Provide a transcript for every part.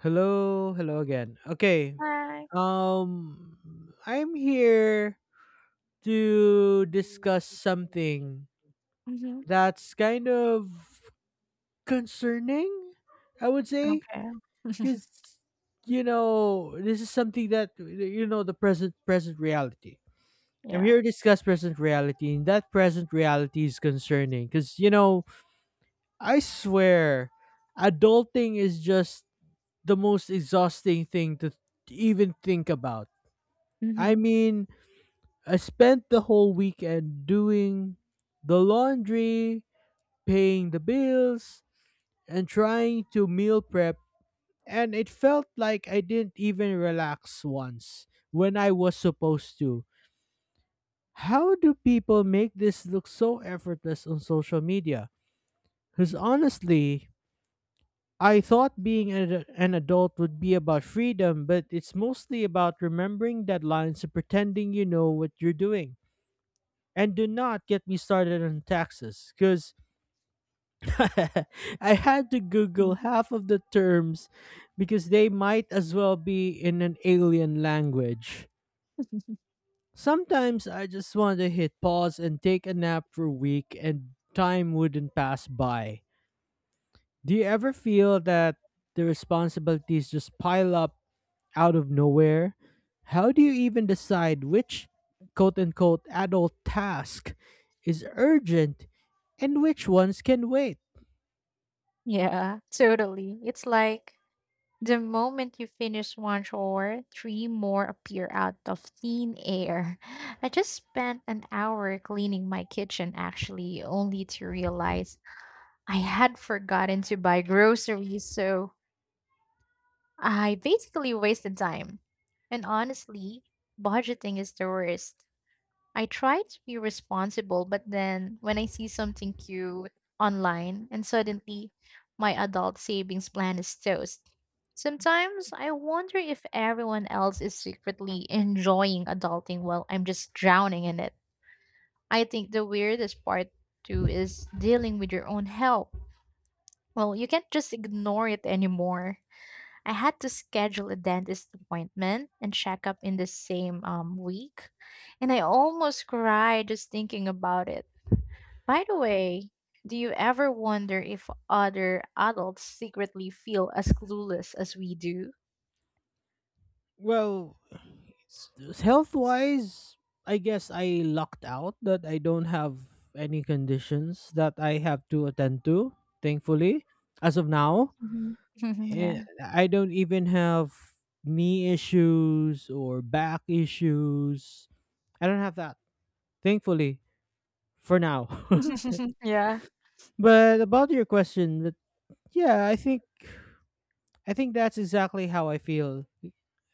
Hello, hello again. Okay. Hi. I'm here to discuss something Mhm. that's kind of concerning, I would say, Okay. cuz this is something that the present reality. I'm Yeah. here to discuss present reality, and that present reality is concerning cuz I swear adulting is just the most exhausting thing to even think about. I Mhm. mean, I spent the whole weekend doing the laundry, paying the bills, and trying to meal prep, and it felt like I didn't even relax once when I was supposed to. How do people make this look so effortless on social media? Because honestly, I thought being an adult would be about freedom, but it's mostly about remembering deadlines and pretending you know what you're doing. And do not get me started on taxes because I had to Google Mm. half of the terms because they might as well be in an alien language. Sometimes I just want to hit pause and take a nap for a week and time wouldn't pass by. Do you ever feel that the responsibilities just pile up out of nowhere? How do you even decide which quote unquote adult task is urgent and which ones can wait? Yeah, totally. It's like the moment you finish one chore, three more appear out of thin air. I just spent an hour cleaning my kitchen actually, only to realize I had forgotten to buy groceries, so I basically wasted time. And honestly, budgeting is the worst. I try to be responsible, but then when I see something cute online and suddenly my adult savings plan is toast. Sometimes I wonder if everyone else is secretly enjoying adulting while I'm just drowning in it. I think the weirdest part too is dealing with your own help. Well, you can't just ignore it anymore. I had to schedule a dentist appointment and checkup in the same week, and I almost cried just thinking about it. By the way, do you ever wonder if other adults secretly feel as clueless as we do? Well, health wise, I guess I lucked out that I don't have any conditions that I have to attend to, thankfully, as of now Mhm. eh, Yeah. I don't even have knee issues or back issues. I don't have that, thankfully, for now. Yeah. But about your question, but yeah, I think that's exactly how I feel.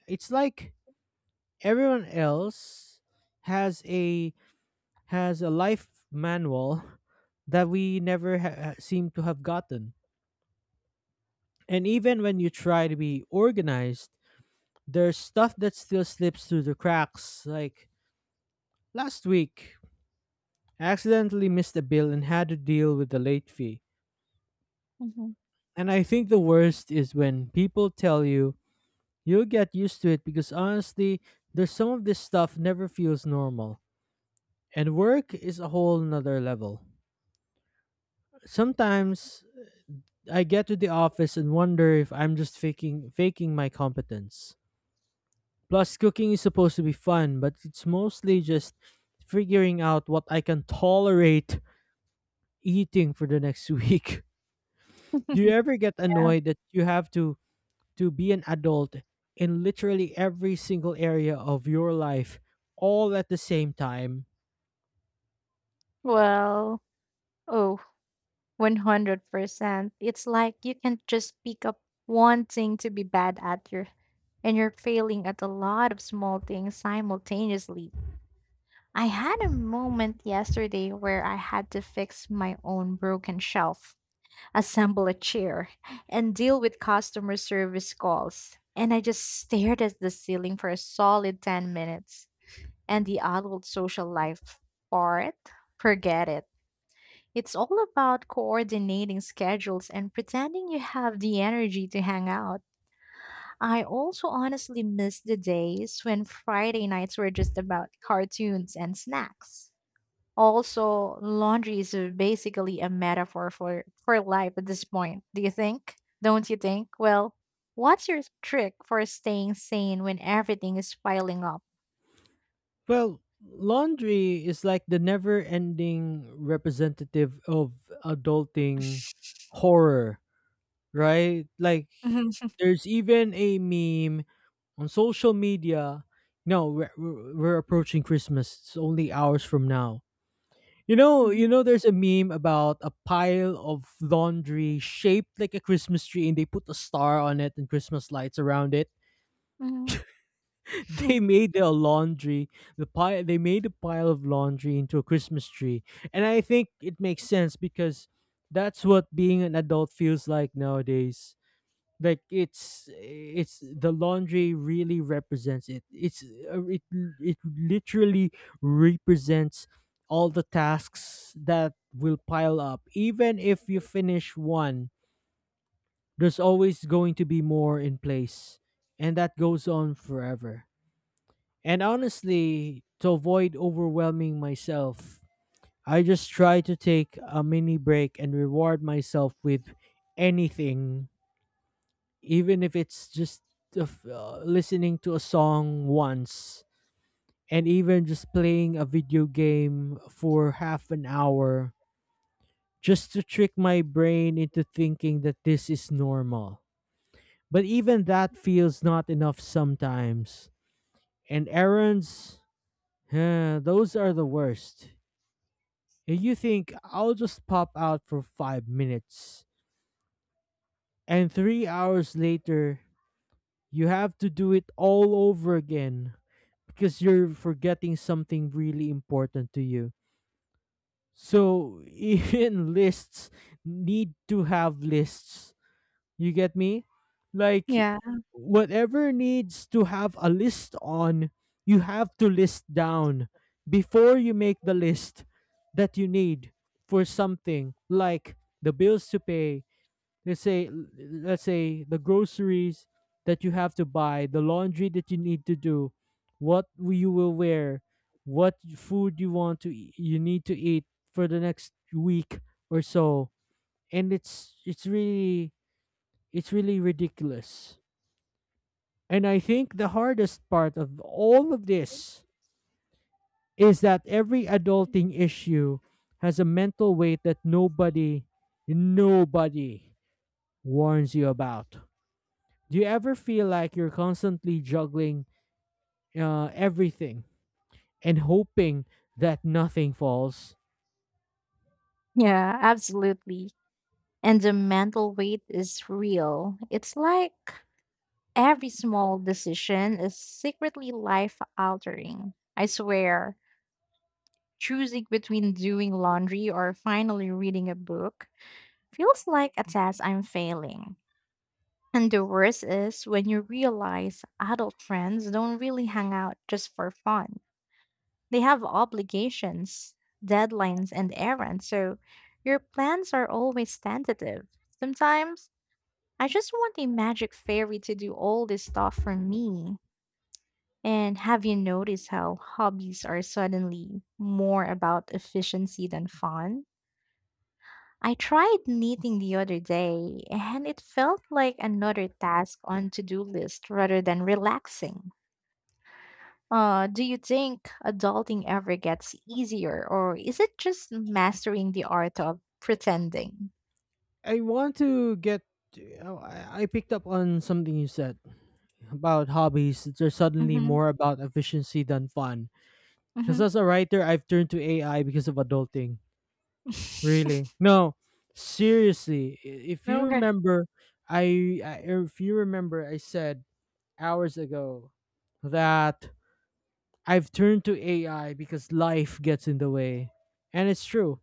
It's like everyone else has a has a life manual that we never seem to have gotten. And even when you try to be organized, there's stuff that still slips through the cracks like last week, I accidentally missed a bill and had to deal with the late fee. Mhm. And I think the worst is when people tell you you'll get used to it because honestly, there's some of this stuff never feels normal. And work is a whole nother level. Sometimes I get to the office and wonder if I'm just faking my competence. Plus cooking is supposed to be fun, but it's mostly just figuring out what I can tolerate eating for the next week. Do you ever get Yeah. annoyed that you have to be an adult in literally every single area of your life all at the same time? Well, oh, 100%. It's like you can just pick up one thing to be bad at your and you're failing at a lot of small things simultaneously. I had a moment yesterday where I had to fix my own broken shelf, assemble a chair, and deal with customer service calls. And I just stared at the ceiling for a solid 10 minutes. And the adult social life part? Forget it. It's all about coordinating schedules and pretending you have the energy to hang out. I also honestly miss the days when Friday nights were just about cartoons and snacks. Also, laundry is basically a metaphor for life at this point. Do you think? Don't you think? Well, what's your trick for staying sane when everything is piling up? Well, laundry is like the never-ending representative of adulting horror, right? Like Mhm. there's even a meme on social media. No, we're approaching Christmas. It's only hours from now. Mhm. There's a meme about a pile of laundry shaped like a Christmas tree, and they put a star on it and Christmas lights around it. Mhm. They made the laundry, the pile, they made a pile of laundry into a Christmas tree, and I think it makes sense because that's what being an adult feels like nowadays like it's the laundry really represents it. It literally represents all the tasks that will pile up even if you finish one. There's always going to be more in place, and that goes on forever. And honestly, to avoid overwhelming myself, I just try to take a mini break and reward myself with anything, even if it's just listening to a song once, and even just playing a video game for half an hour, just to trick my brain into thinking that this is normal. But even that feels not enough sometimes. And errands, those are the worst. And you think I'll just pop out for 5 minutes. And 3 hours later, you have to do it all over again because you're forgetting something really important to you. So even lists need to have lists. You get me? Like Yeah. whatever needs to have a list on, you have to list down before you make the list that you need for something like the bills to pay, let's say let's say the groceries that you have to buy, the laundry that you need to do, what you will wear, what food you want to you need to eat for the next week or so. And it's really ridiculous, and I think the hardest part of all of this is that every adulting issue has a mental weight that nobody warns you about. Do you ever feel like you're constantly juggling everything and hoping that nothing falls? Yeah, absolutely. And the mental weight is real. It's like every small decision is secretly life altering. I swear, choosing between doing laundry or finally reading a book feels like a test I'm failing. And the worst is when you realize adult friends don't really hang out just for fun. They have obligations, deadlines, and errands, so your plans are always tentative. Sometimes I just want a magic fairy to do all this stuff for me. And have you noticed how hobbies are suddenly more about efficiency than fun? I tried knitting the other day, and it felt like another task on to-do list rather than relaxing. Do you think adulting ever gets easier, or is it just mastering the art of pretending? I want to get. Oh, I picked up on something you said about hobbies that are suddenly Mm-hmm. more about efficiency than fun. Because Mm-hmm. as a writer, I've turned to AI because of adulting. Really? No, seriously. If you Okay. remember, I if you remember, I said hours ago that I've turned to AI because life gets in the way. And it's true.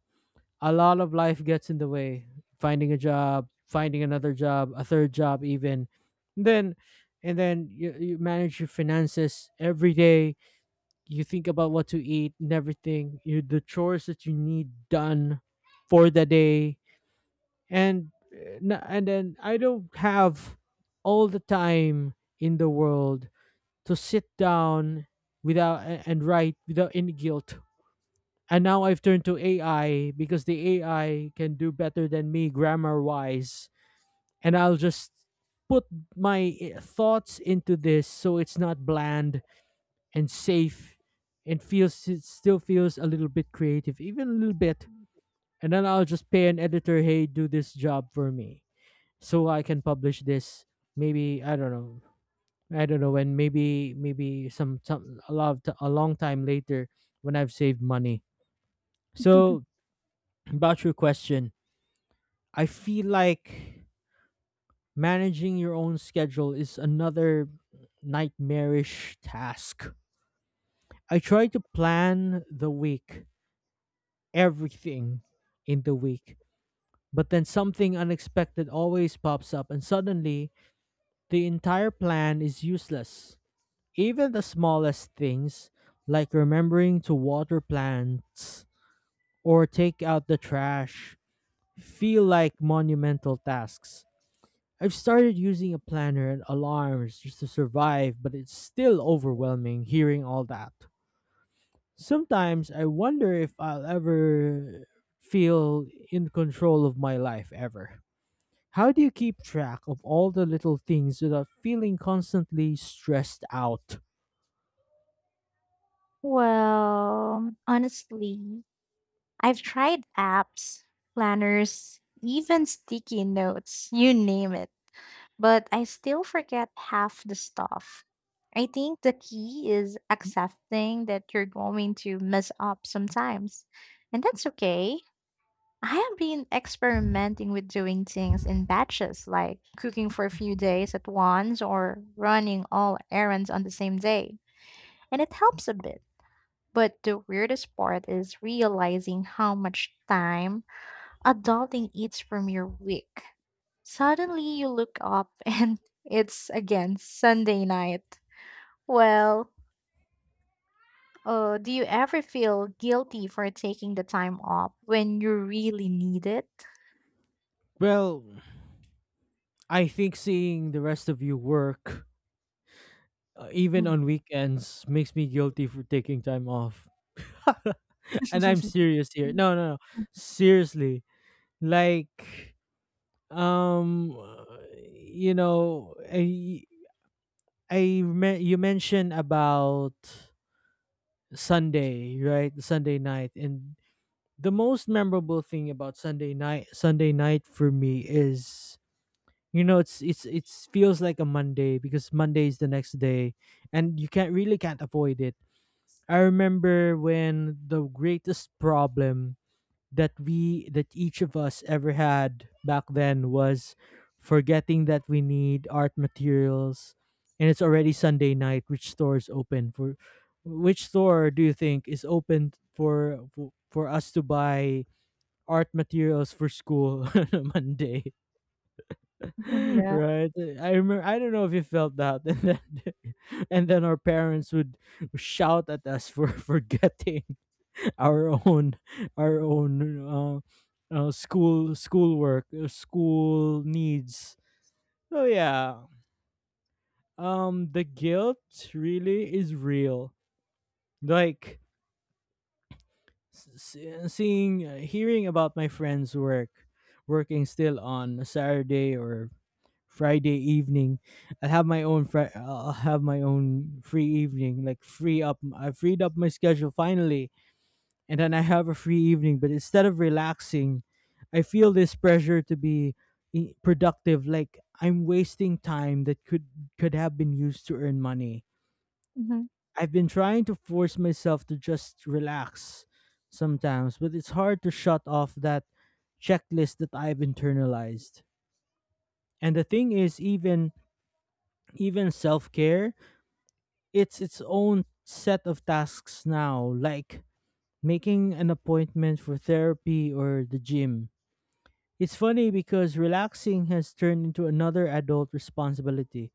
A lot of life gets in the way. Finding a job, finding another job, a third job even. Then and then you manage your finances every day. You think about what to eat and everything. You the chores that you need done for the day. And and then I don't have all the time in the world to sit down without and write without any guilt. And now I've turned to AI because the AI can do better than me grammar wise. And I'll just put my thoughts into this so it's not bland and safe and feels it still feels a little bit creative, even a little bit. And then I'll just pay an editor, hey, do this job for me so I can publish this, maybe. I don't know, and maybe some a lot of t- a long time later when I've saved money. So about your question, I feel like managing your own schedule is another nightmarish task. I try to plan the week, everything in the week, but then something unexpected always pops up, and suddenly the entire plan is useless. Even the smallest things, like remembering to water plants or take out the trash, feel like monumental tasks. I've started using a planner and alarms just to survive, but it's still overwhelming hearing all that. Sometimes I wonder if I'll ever feel in control of my life ever. How do you keep track of all the little things without feeling constantly stressed out? Well, honestly, I've tried apps, planners, even sticky notes, you name it. But I still forget half the stuff. I think the key is accepting that you're going to mess up sometimes, and that's okay. I have been experimenting with doing things in batches, like cooking for a few days at once or running all errands on the same day, and it helps a bit. But the weirdest part is realizing how much time adulting eats from your week. Suddenly you look up and it's again Sunday night. Well, do you ever feel guilty for taking the time off when you really need it? Well, I think seeing the rest of you work, even on weekends, makes me guilty for taking time off. And I'm serious here. No, no, no. Seriously. Like, um, uh, you know, I, you mentioned about Sunday, right? The Sunday night, and the most memorable thing about Sunday night for me is it's feels like a Monday because Monday is the next day, and you can't really can't avoid it. I remember when the greatest problem that we that each of us ever had back then was forgetting that we need art materials, and it's already Sunday night. Which store do you think is open for for us to buy art materials for school on a Monday? Yeah. Right? I remember. I don't know if you felt that, and then our parents would shout at us for forgetting our own our own school school needs. So yeah, the guilt really is real. Like seeing, hearing about my friend's work, working still on a Saturday or Friday evening. I'll have my own free evening, like free up. I freed up my schedule finally, and then I have a free evening. But instead of relaxing, I feel this pressure to be productive. Like I'm wasting time that could have been used to earn money. Mhm. I've been trying to force myself to just relax sometimes, but it's hard to shut off that checklist that I've internalized. And the thing is, even self care, it's its own set of tasks now, like making an appointment for therapy or the gym. It's funny because relaxing has turned into another adult responsibility.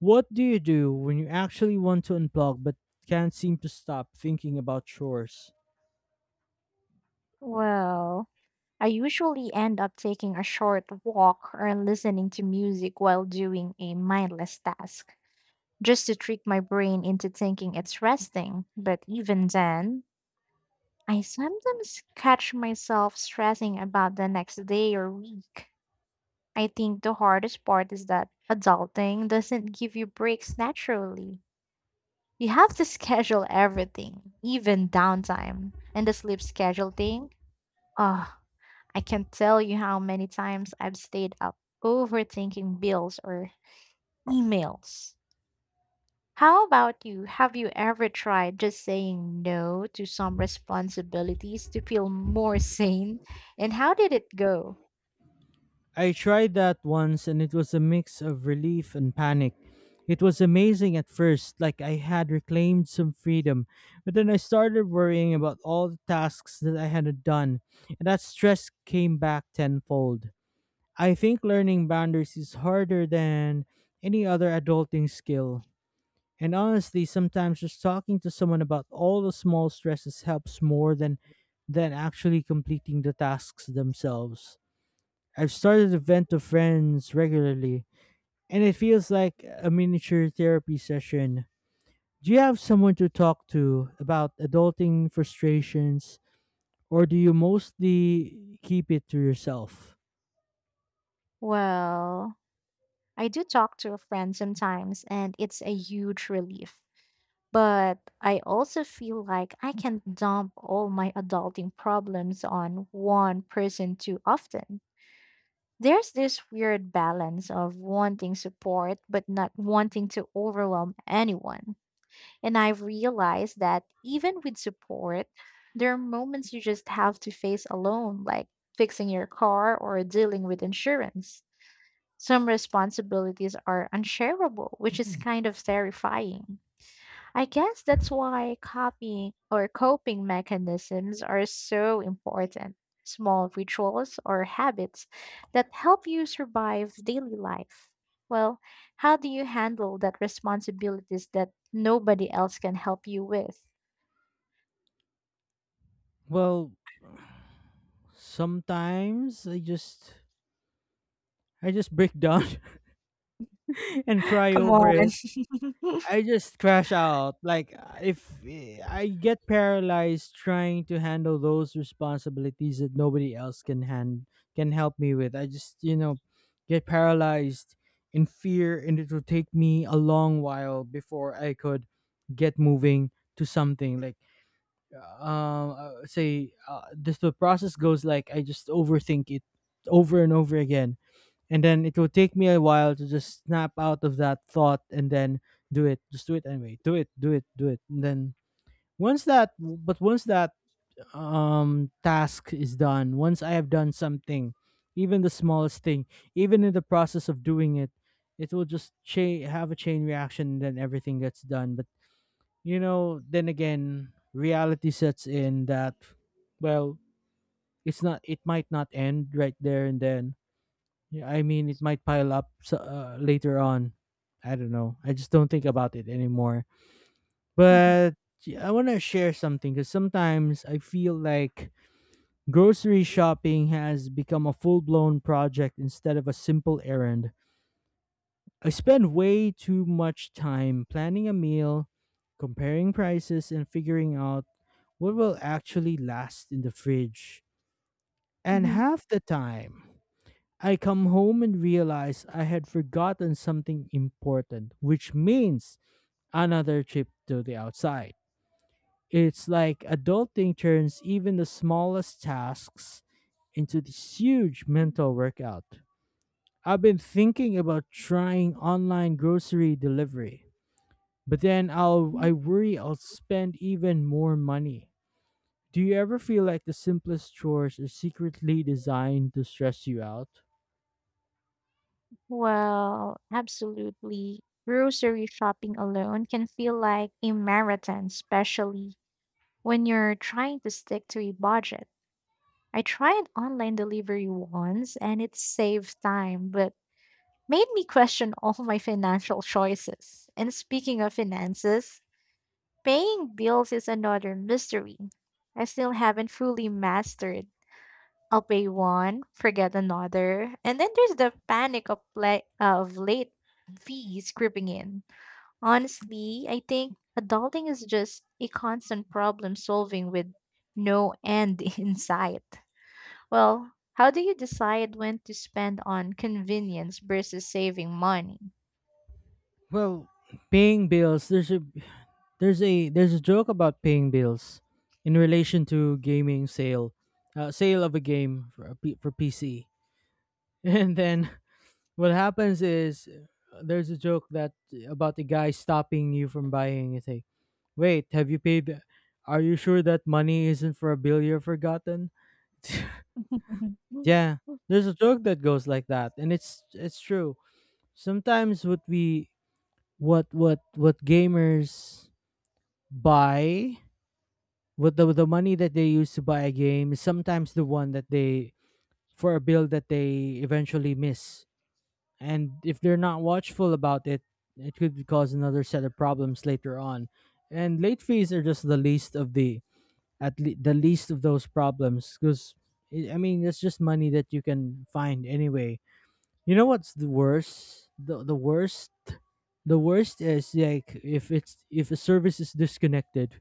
What do you do when you actually want to unplug but can't seem to stop thinking about chores? Well, I usually end up taking a short walk or listening to music while doing a mindless task, just to trick my brain into thinking it's resting. But even then, I sometimes catch myself stressing about the next day or week. I think the hardest part is that adulting doesn't give you breaks naturally. You have to schedule everything, even downtime. And the sleep schedule thing, oh, I can't tell you how many times I've stayed up overthinking bills or emails. How about you? Have you ever tried just saying no to some responsibilities to feel more sane? And how did it go? I tried that once and it was a mix of relief and panic. It was amazing at first, like I had reclaimed some freedom, but then I started worrying about all the tasks that I had done, and that stress came back tenfold. I think learning boundaries is harder than any other adulting skill. And honestly, sometimes just talking to someone about all the small stresses helps more than actually completing the tasks themselves. I've started to vent to friends regularly, and it feels like a miniature therapy session. Do you have someone to talk to about adulting frustrations, or do you mostly keep it to yourself? Well, I do talk to a friend sometimes, and it's a huge relief. But I also feel like I can dump all my adulting problems on one person too often. There's this weird balance of wanting support but not wanting to overwhelm anyone. And I've realized that even with support, there are moments you just have to face alone, like fixing your car or dealing with insurance. Some responsibilities are unshareable, which is kind of terrifying. I guess that's why copying or coping mechanisms are so important. Small rituals or habits that help you survive daily life. Well, how do you handle that responsibilities that nobody else can help you with? Well, sometimes I just break down and cry Come over on. it. I just crash out. Like if eh, I get paralyzed trying to handle those responsibilities that nobody else can hand can help me with. I just get paralyzed in fear, and it will take me a long while before I could get moving to something. Like say, this the process goes like I just overthink it over and over again, and then it will take me a while to just snap out of that thought and then do it, just do it anyway, do it, and then once that but once that task is done, once I have done something, even the smallest thing, even in the process of doing it, it will just have a chain reaction, and then everything gets done. But you know, then again, reality sets in that, well, it might not end right there and then. Yeah, I mean, it might pile up later on. I don't know. I just don't think about it anymore. But yeah, I want to share something because sometimes I feel like grocery shopping has become a full blown project instead of a simple errand. I spend way too much time planning a meal, comparing prices, and figuring out what will actually last in the fridge. And Mhm. half the time, I come home and realize I had forgotten something important, which means another trip to the outside. It's like adulting turns even the smallest tasks into this huge mental workout. I've been thinking about trying online grocery delivery, but then I worry I'll spend even more money. Do you ever feel like the simplest chores are secretly designed to stress you out? Well, absolutely. Grocery shopping alone can feel like a marathon, especially when you're trying to stick to a budget. I tried online delivery once and it saved time, but made me question all my financial choices. And speaking of finances, paying bills is another mystery. I still haven't fully mastered. I'll pay one, forget another, and then there's the panic of pla of late fees creeping in. Honestly, I think adulting is just a constant problem solving with no end in sight. Well, how do you decide when to spend on convenience versus saving money? Well, paying bills, there's a joke about paying bills in relation to gaming sale, sale of a game for a for PC. And then what happens is, there's a joke that about the guy stopping you from buying. It's say, wait, have you paid? Are you sure that money isn't for a bill you've forgotten? Yeah, there's a joke that goes like that, and it's true. Sometimes what we what gamers buy with the money that they use to buy a game is sometimes the one that they, for a bill that they eventually miss. And if they're not watchful about it, it could cause another set of problems later on. And late fees are just the least of those problems, because I mean, it's just money that you can find anyway. You know what's the worst? The worst is like, if it's if a service is disconnected,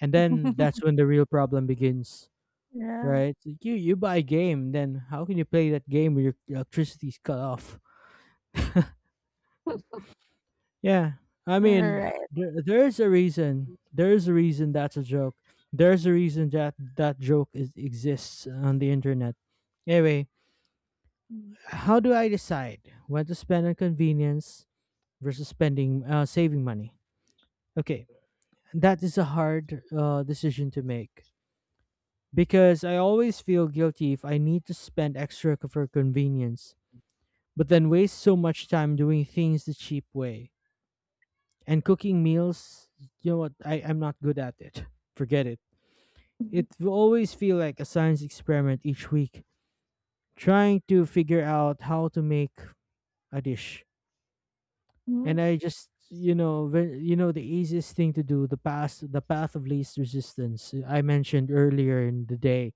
and then that's when the real problem begins. Yeah. Right? So you buy a game, then how can you play that game when your electricity's cut off? Yeah, I All mean, right. There's a reason. There's a reason that's a joke. There's a reason that that joke is exists on the internet. Anyway, how do I decide when to spend on convenience versus spending saving money? Okay, that is a hard decision to make, because I always feel guilty if I need to spend extra for convenience, but then waste so much time doing things the cheap way. And cooking meals, you know what, I'm not good at it. Forget it. Mhm. It will always feel like a science experiment each week, trying to figure out how to make a dish. And I just, you know, the easiest thing to do, the path of least resistance, I mentioned earlier in the day.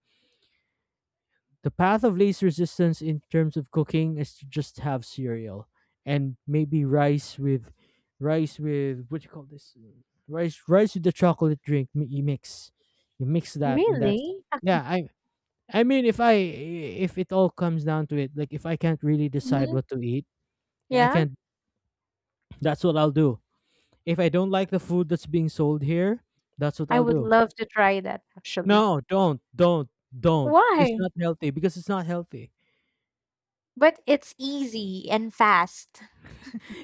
The path of least resistance in terms of cooking is to just have cereal and maybe rice with, rice with, what you call this, Mm, rice with the chocolate drink, you mix, you mix that, and that's, Really? yeah. I mean, if I, if it all comes down to it, like if I can't really decide Mhm. what to eat, I Yeah, can't, that's what I'll do. If I don't like the food that's being sold here, that's what I I'll would do. love to try that actually. No, don't, it's Why? not healthy, because it's not healthy. But it's easy and fast.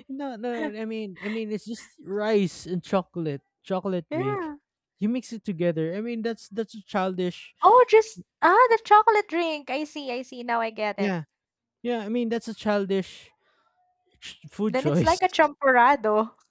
No, no, I mean, it's just rice and chocolate, chocolate drink. Yeah. You mix it together. I mean, that's a childish. Oh, just ah the chocolate drink. I see, I see. Now I get it. Yeah, yeah. I mean, that's a childish food Then it's choice. like a champurrado.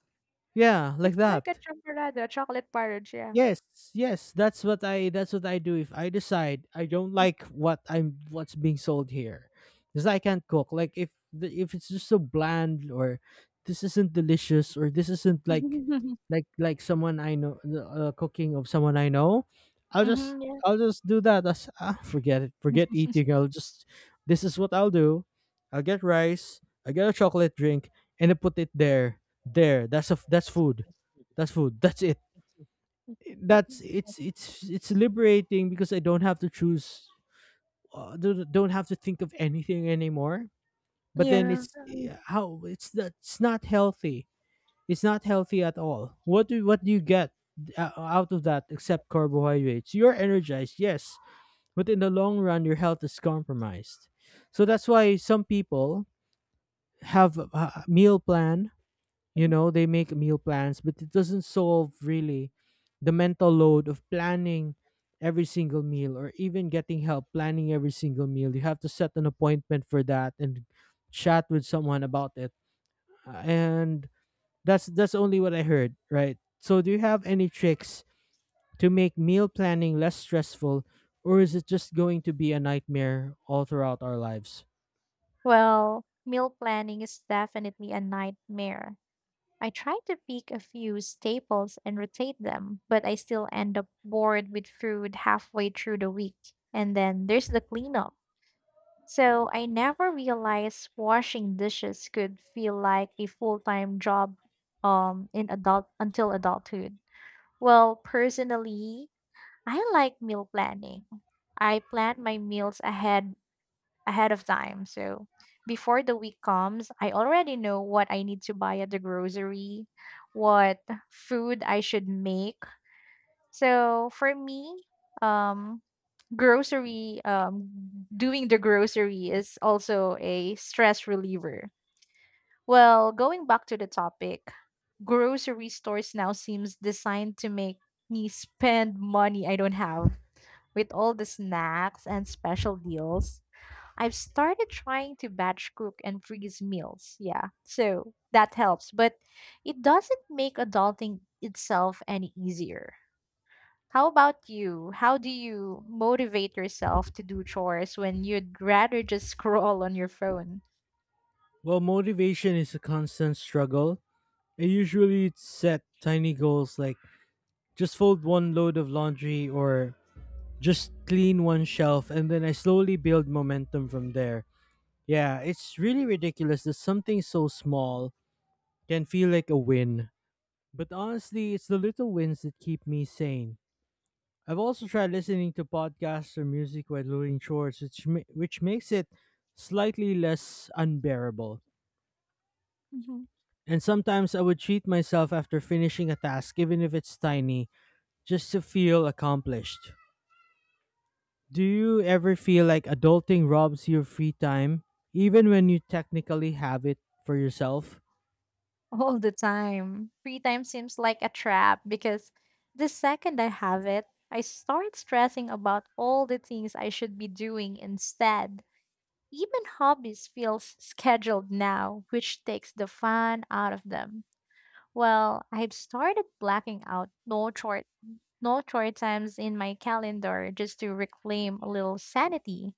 Yeah, like It's like a that. champurrado, a chocolate porridge, yeah. Yes, yes, that's what I do if I decide I don't like what I'm what's being sold here. Cuz I can't cook. Like if if it's just so bland, or this isn't delicious, or this isn't like, like someone I know, the, cooking of someone I know, I'll just Mm-hmm, I'll just do that. That's, ah, forget it. Forget eating. I'll just, this is what I'll do. I'll get rice, I get a chocolate drink, and I put it there. There. That's a f That's food. That's food. That's it, that's yeah. It's liberating because I don't have to choose, don't have to think of anything anymore. But then Yeah. it's, yeah, how it's that it's not healthy. It's not healthy at all. What do you get out of that except carbohydrates? You're energized, yes, but in the long run, your health is compromised. So that's why some people have a meal plan, you Mhm. know, they make meal plans, but it doesn't solve really the mental load of planning every single meal, or even getting help planning every single meal. You have to set an appointment for that and chat with someone about it. And that's only what I heard, right? So do you have any tricks to make meal planning less stressful, or is it just going to be a nightmare all throughout our lives? Well, meal planning is definitely a nightmare. I try to pick a few staples and rotate them, but I still end up bored with food halfway through the week. And then there's the cleanup. So I never realized washing dishes could feel like a full-time job in adult until adulthood. Well, personally, I like meal planning. I plan my meals ahead of time. So before the week comes, I already know what I need to buy at the grocery, what food I should make. So for me, um, grocery, doing the grocery is also a stress reliever. Well, going back to the topic, grocery stores now seems designed to make me spend money I don't have with all the snacks and special deals. I've started trying to batch cook and freeze meals. Yeah. So that helps, but it doesn't make adulting itself any easier. How about you? How do you motivate yourself to do chores when you'd rather just scroll on your phone? Well, motivation is a constant struggle. I usually set tiny goals, like just fold one load of laundry, or just clean one shelf, and then I slowly build momentum from there. Yeah, it's really ridiculous that something so small can feel like a win. But honestly, it's the little wins that keep me sane. I've also tried listening to podcasts or music while doing chores, which which makes it slightly less unbearable. Mhm. And sometimes I would treat myself after finishing a task, even if it's tiny, just to feel accomplished. Do you ever feel like adulting robs your free time, even when you technically have it for yourself? All the time? Free time seems like a trap because the second I have it, I start stressing about all the things I should be doing instead. Even hobbies feel scheduled now, which takes the fun out of them. Well, I've started blacking out no chore times in my calendar just to reclaim a little sanity.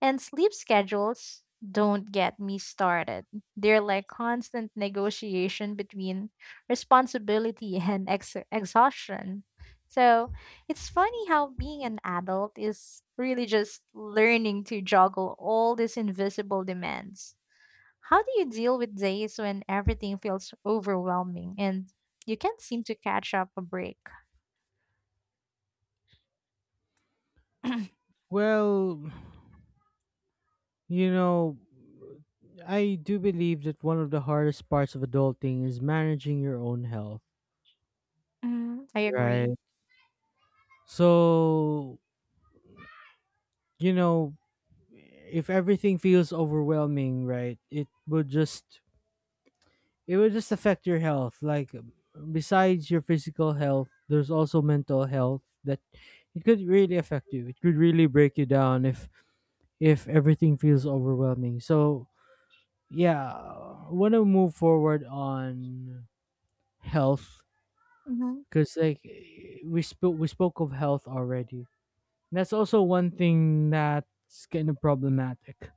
And sleep schedules, don't get me started. They're like constant negotiation between responsibility and exhaustion. So it's funny how being an adult is really just learning to juggle all these invisible demands. How do you deal with days when everything feels overwhelming and you can't seem to catch up a break? Well, you know, I do believe that one of the hardest parts of adulting is managing your own health. Mm, I Right. agree. So, you know, if everything feels overwhelming, right, it would just affect your health. Like besides your physical health, there's also mental health that, it could really affect you. It could really break you down if everything feels overwhelming. So yeah, I want to move forward on health, Hmm. because like, we spoke of health already. That's also one thing that's kind of problematic.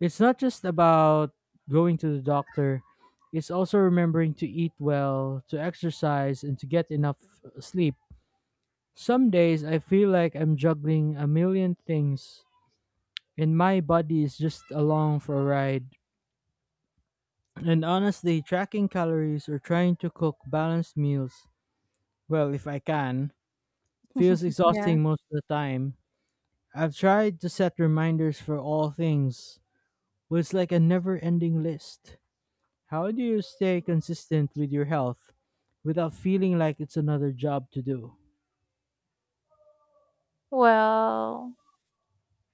It's not just about going to the doctor. It's also remembering to eat well, to exercise, and to get enough sleep. Some days I feel like I'm juggling a million things, and my body is just along for a ride. And honestly, tracking calories or trying to cook balanced meals, well, if I can, feels Yeah. exhausting most of the time. I've tried to set reminders for all things, but it's like a never ending list. How do you stay consistent with your health without feeling like it's another job to do? Well,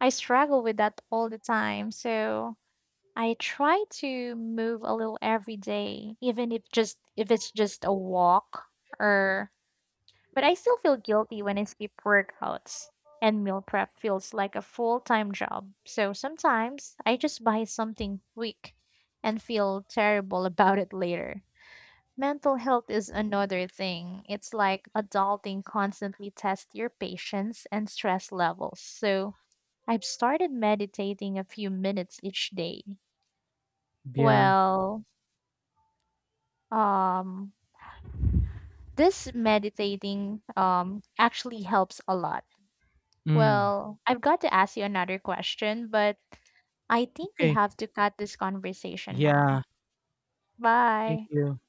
I struggle with that all the time. So I try to move a little every day, even if it's just a walk or but I still feel guilty when I skip workouts and meal prep feels like a full-time job. So sometimes I just buy something quick and feel terrible about it later. Mental health is another thing. It's like adulting constantly tests your patience and stress levels. So I've started meditating a few minutes each day. Yeah. Well, um, this meditating actually helps a lot. Mm. Well, I've got to ask you another question, but I think we Okay. have to cut this conversation Yeah. now. Thank Bye. you.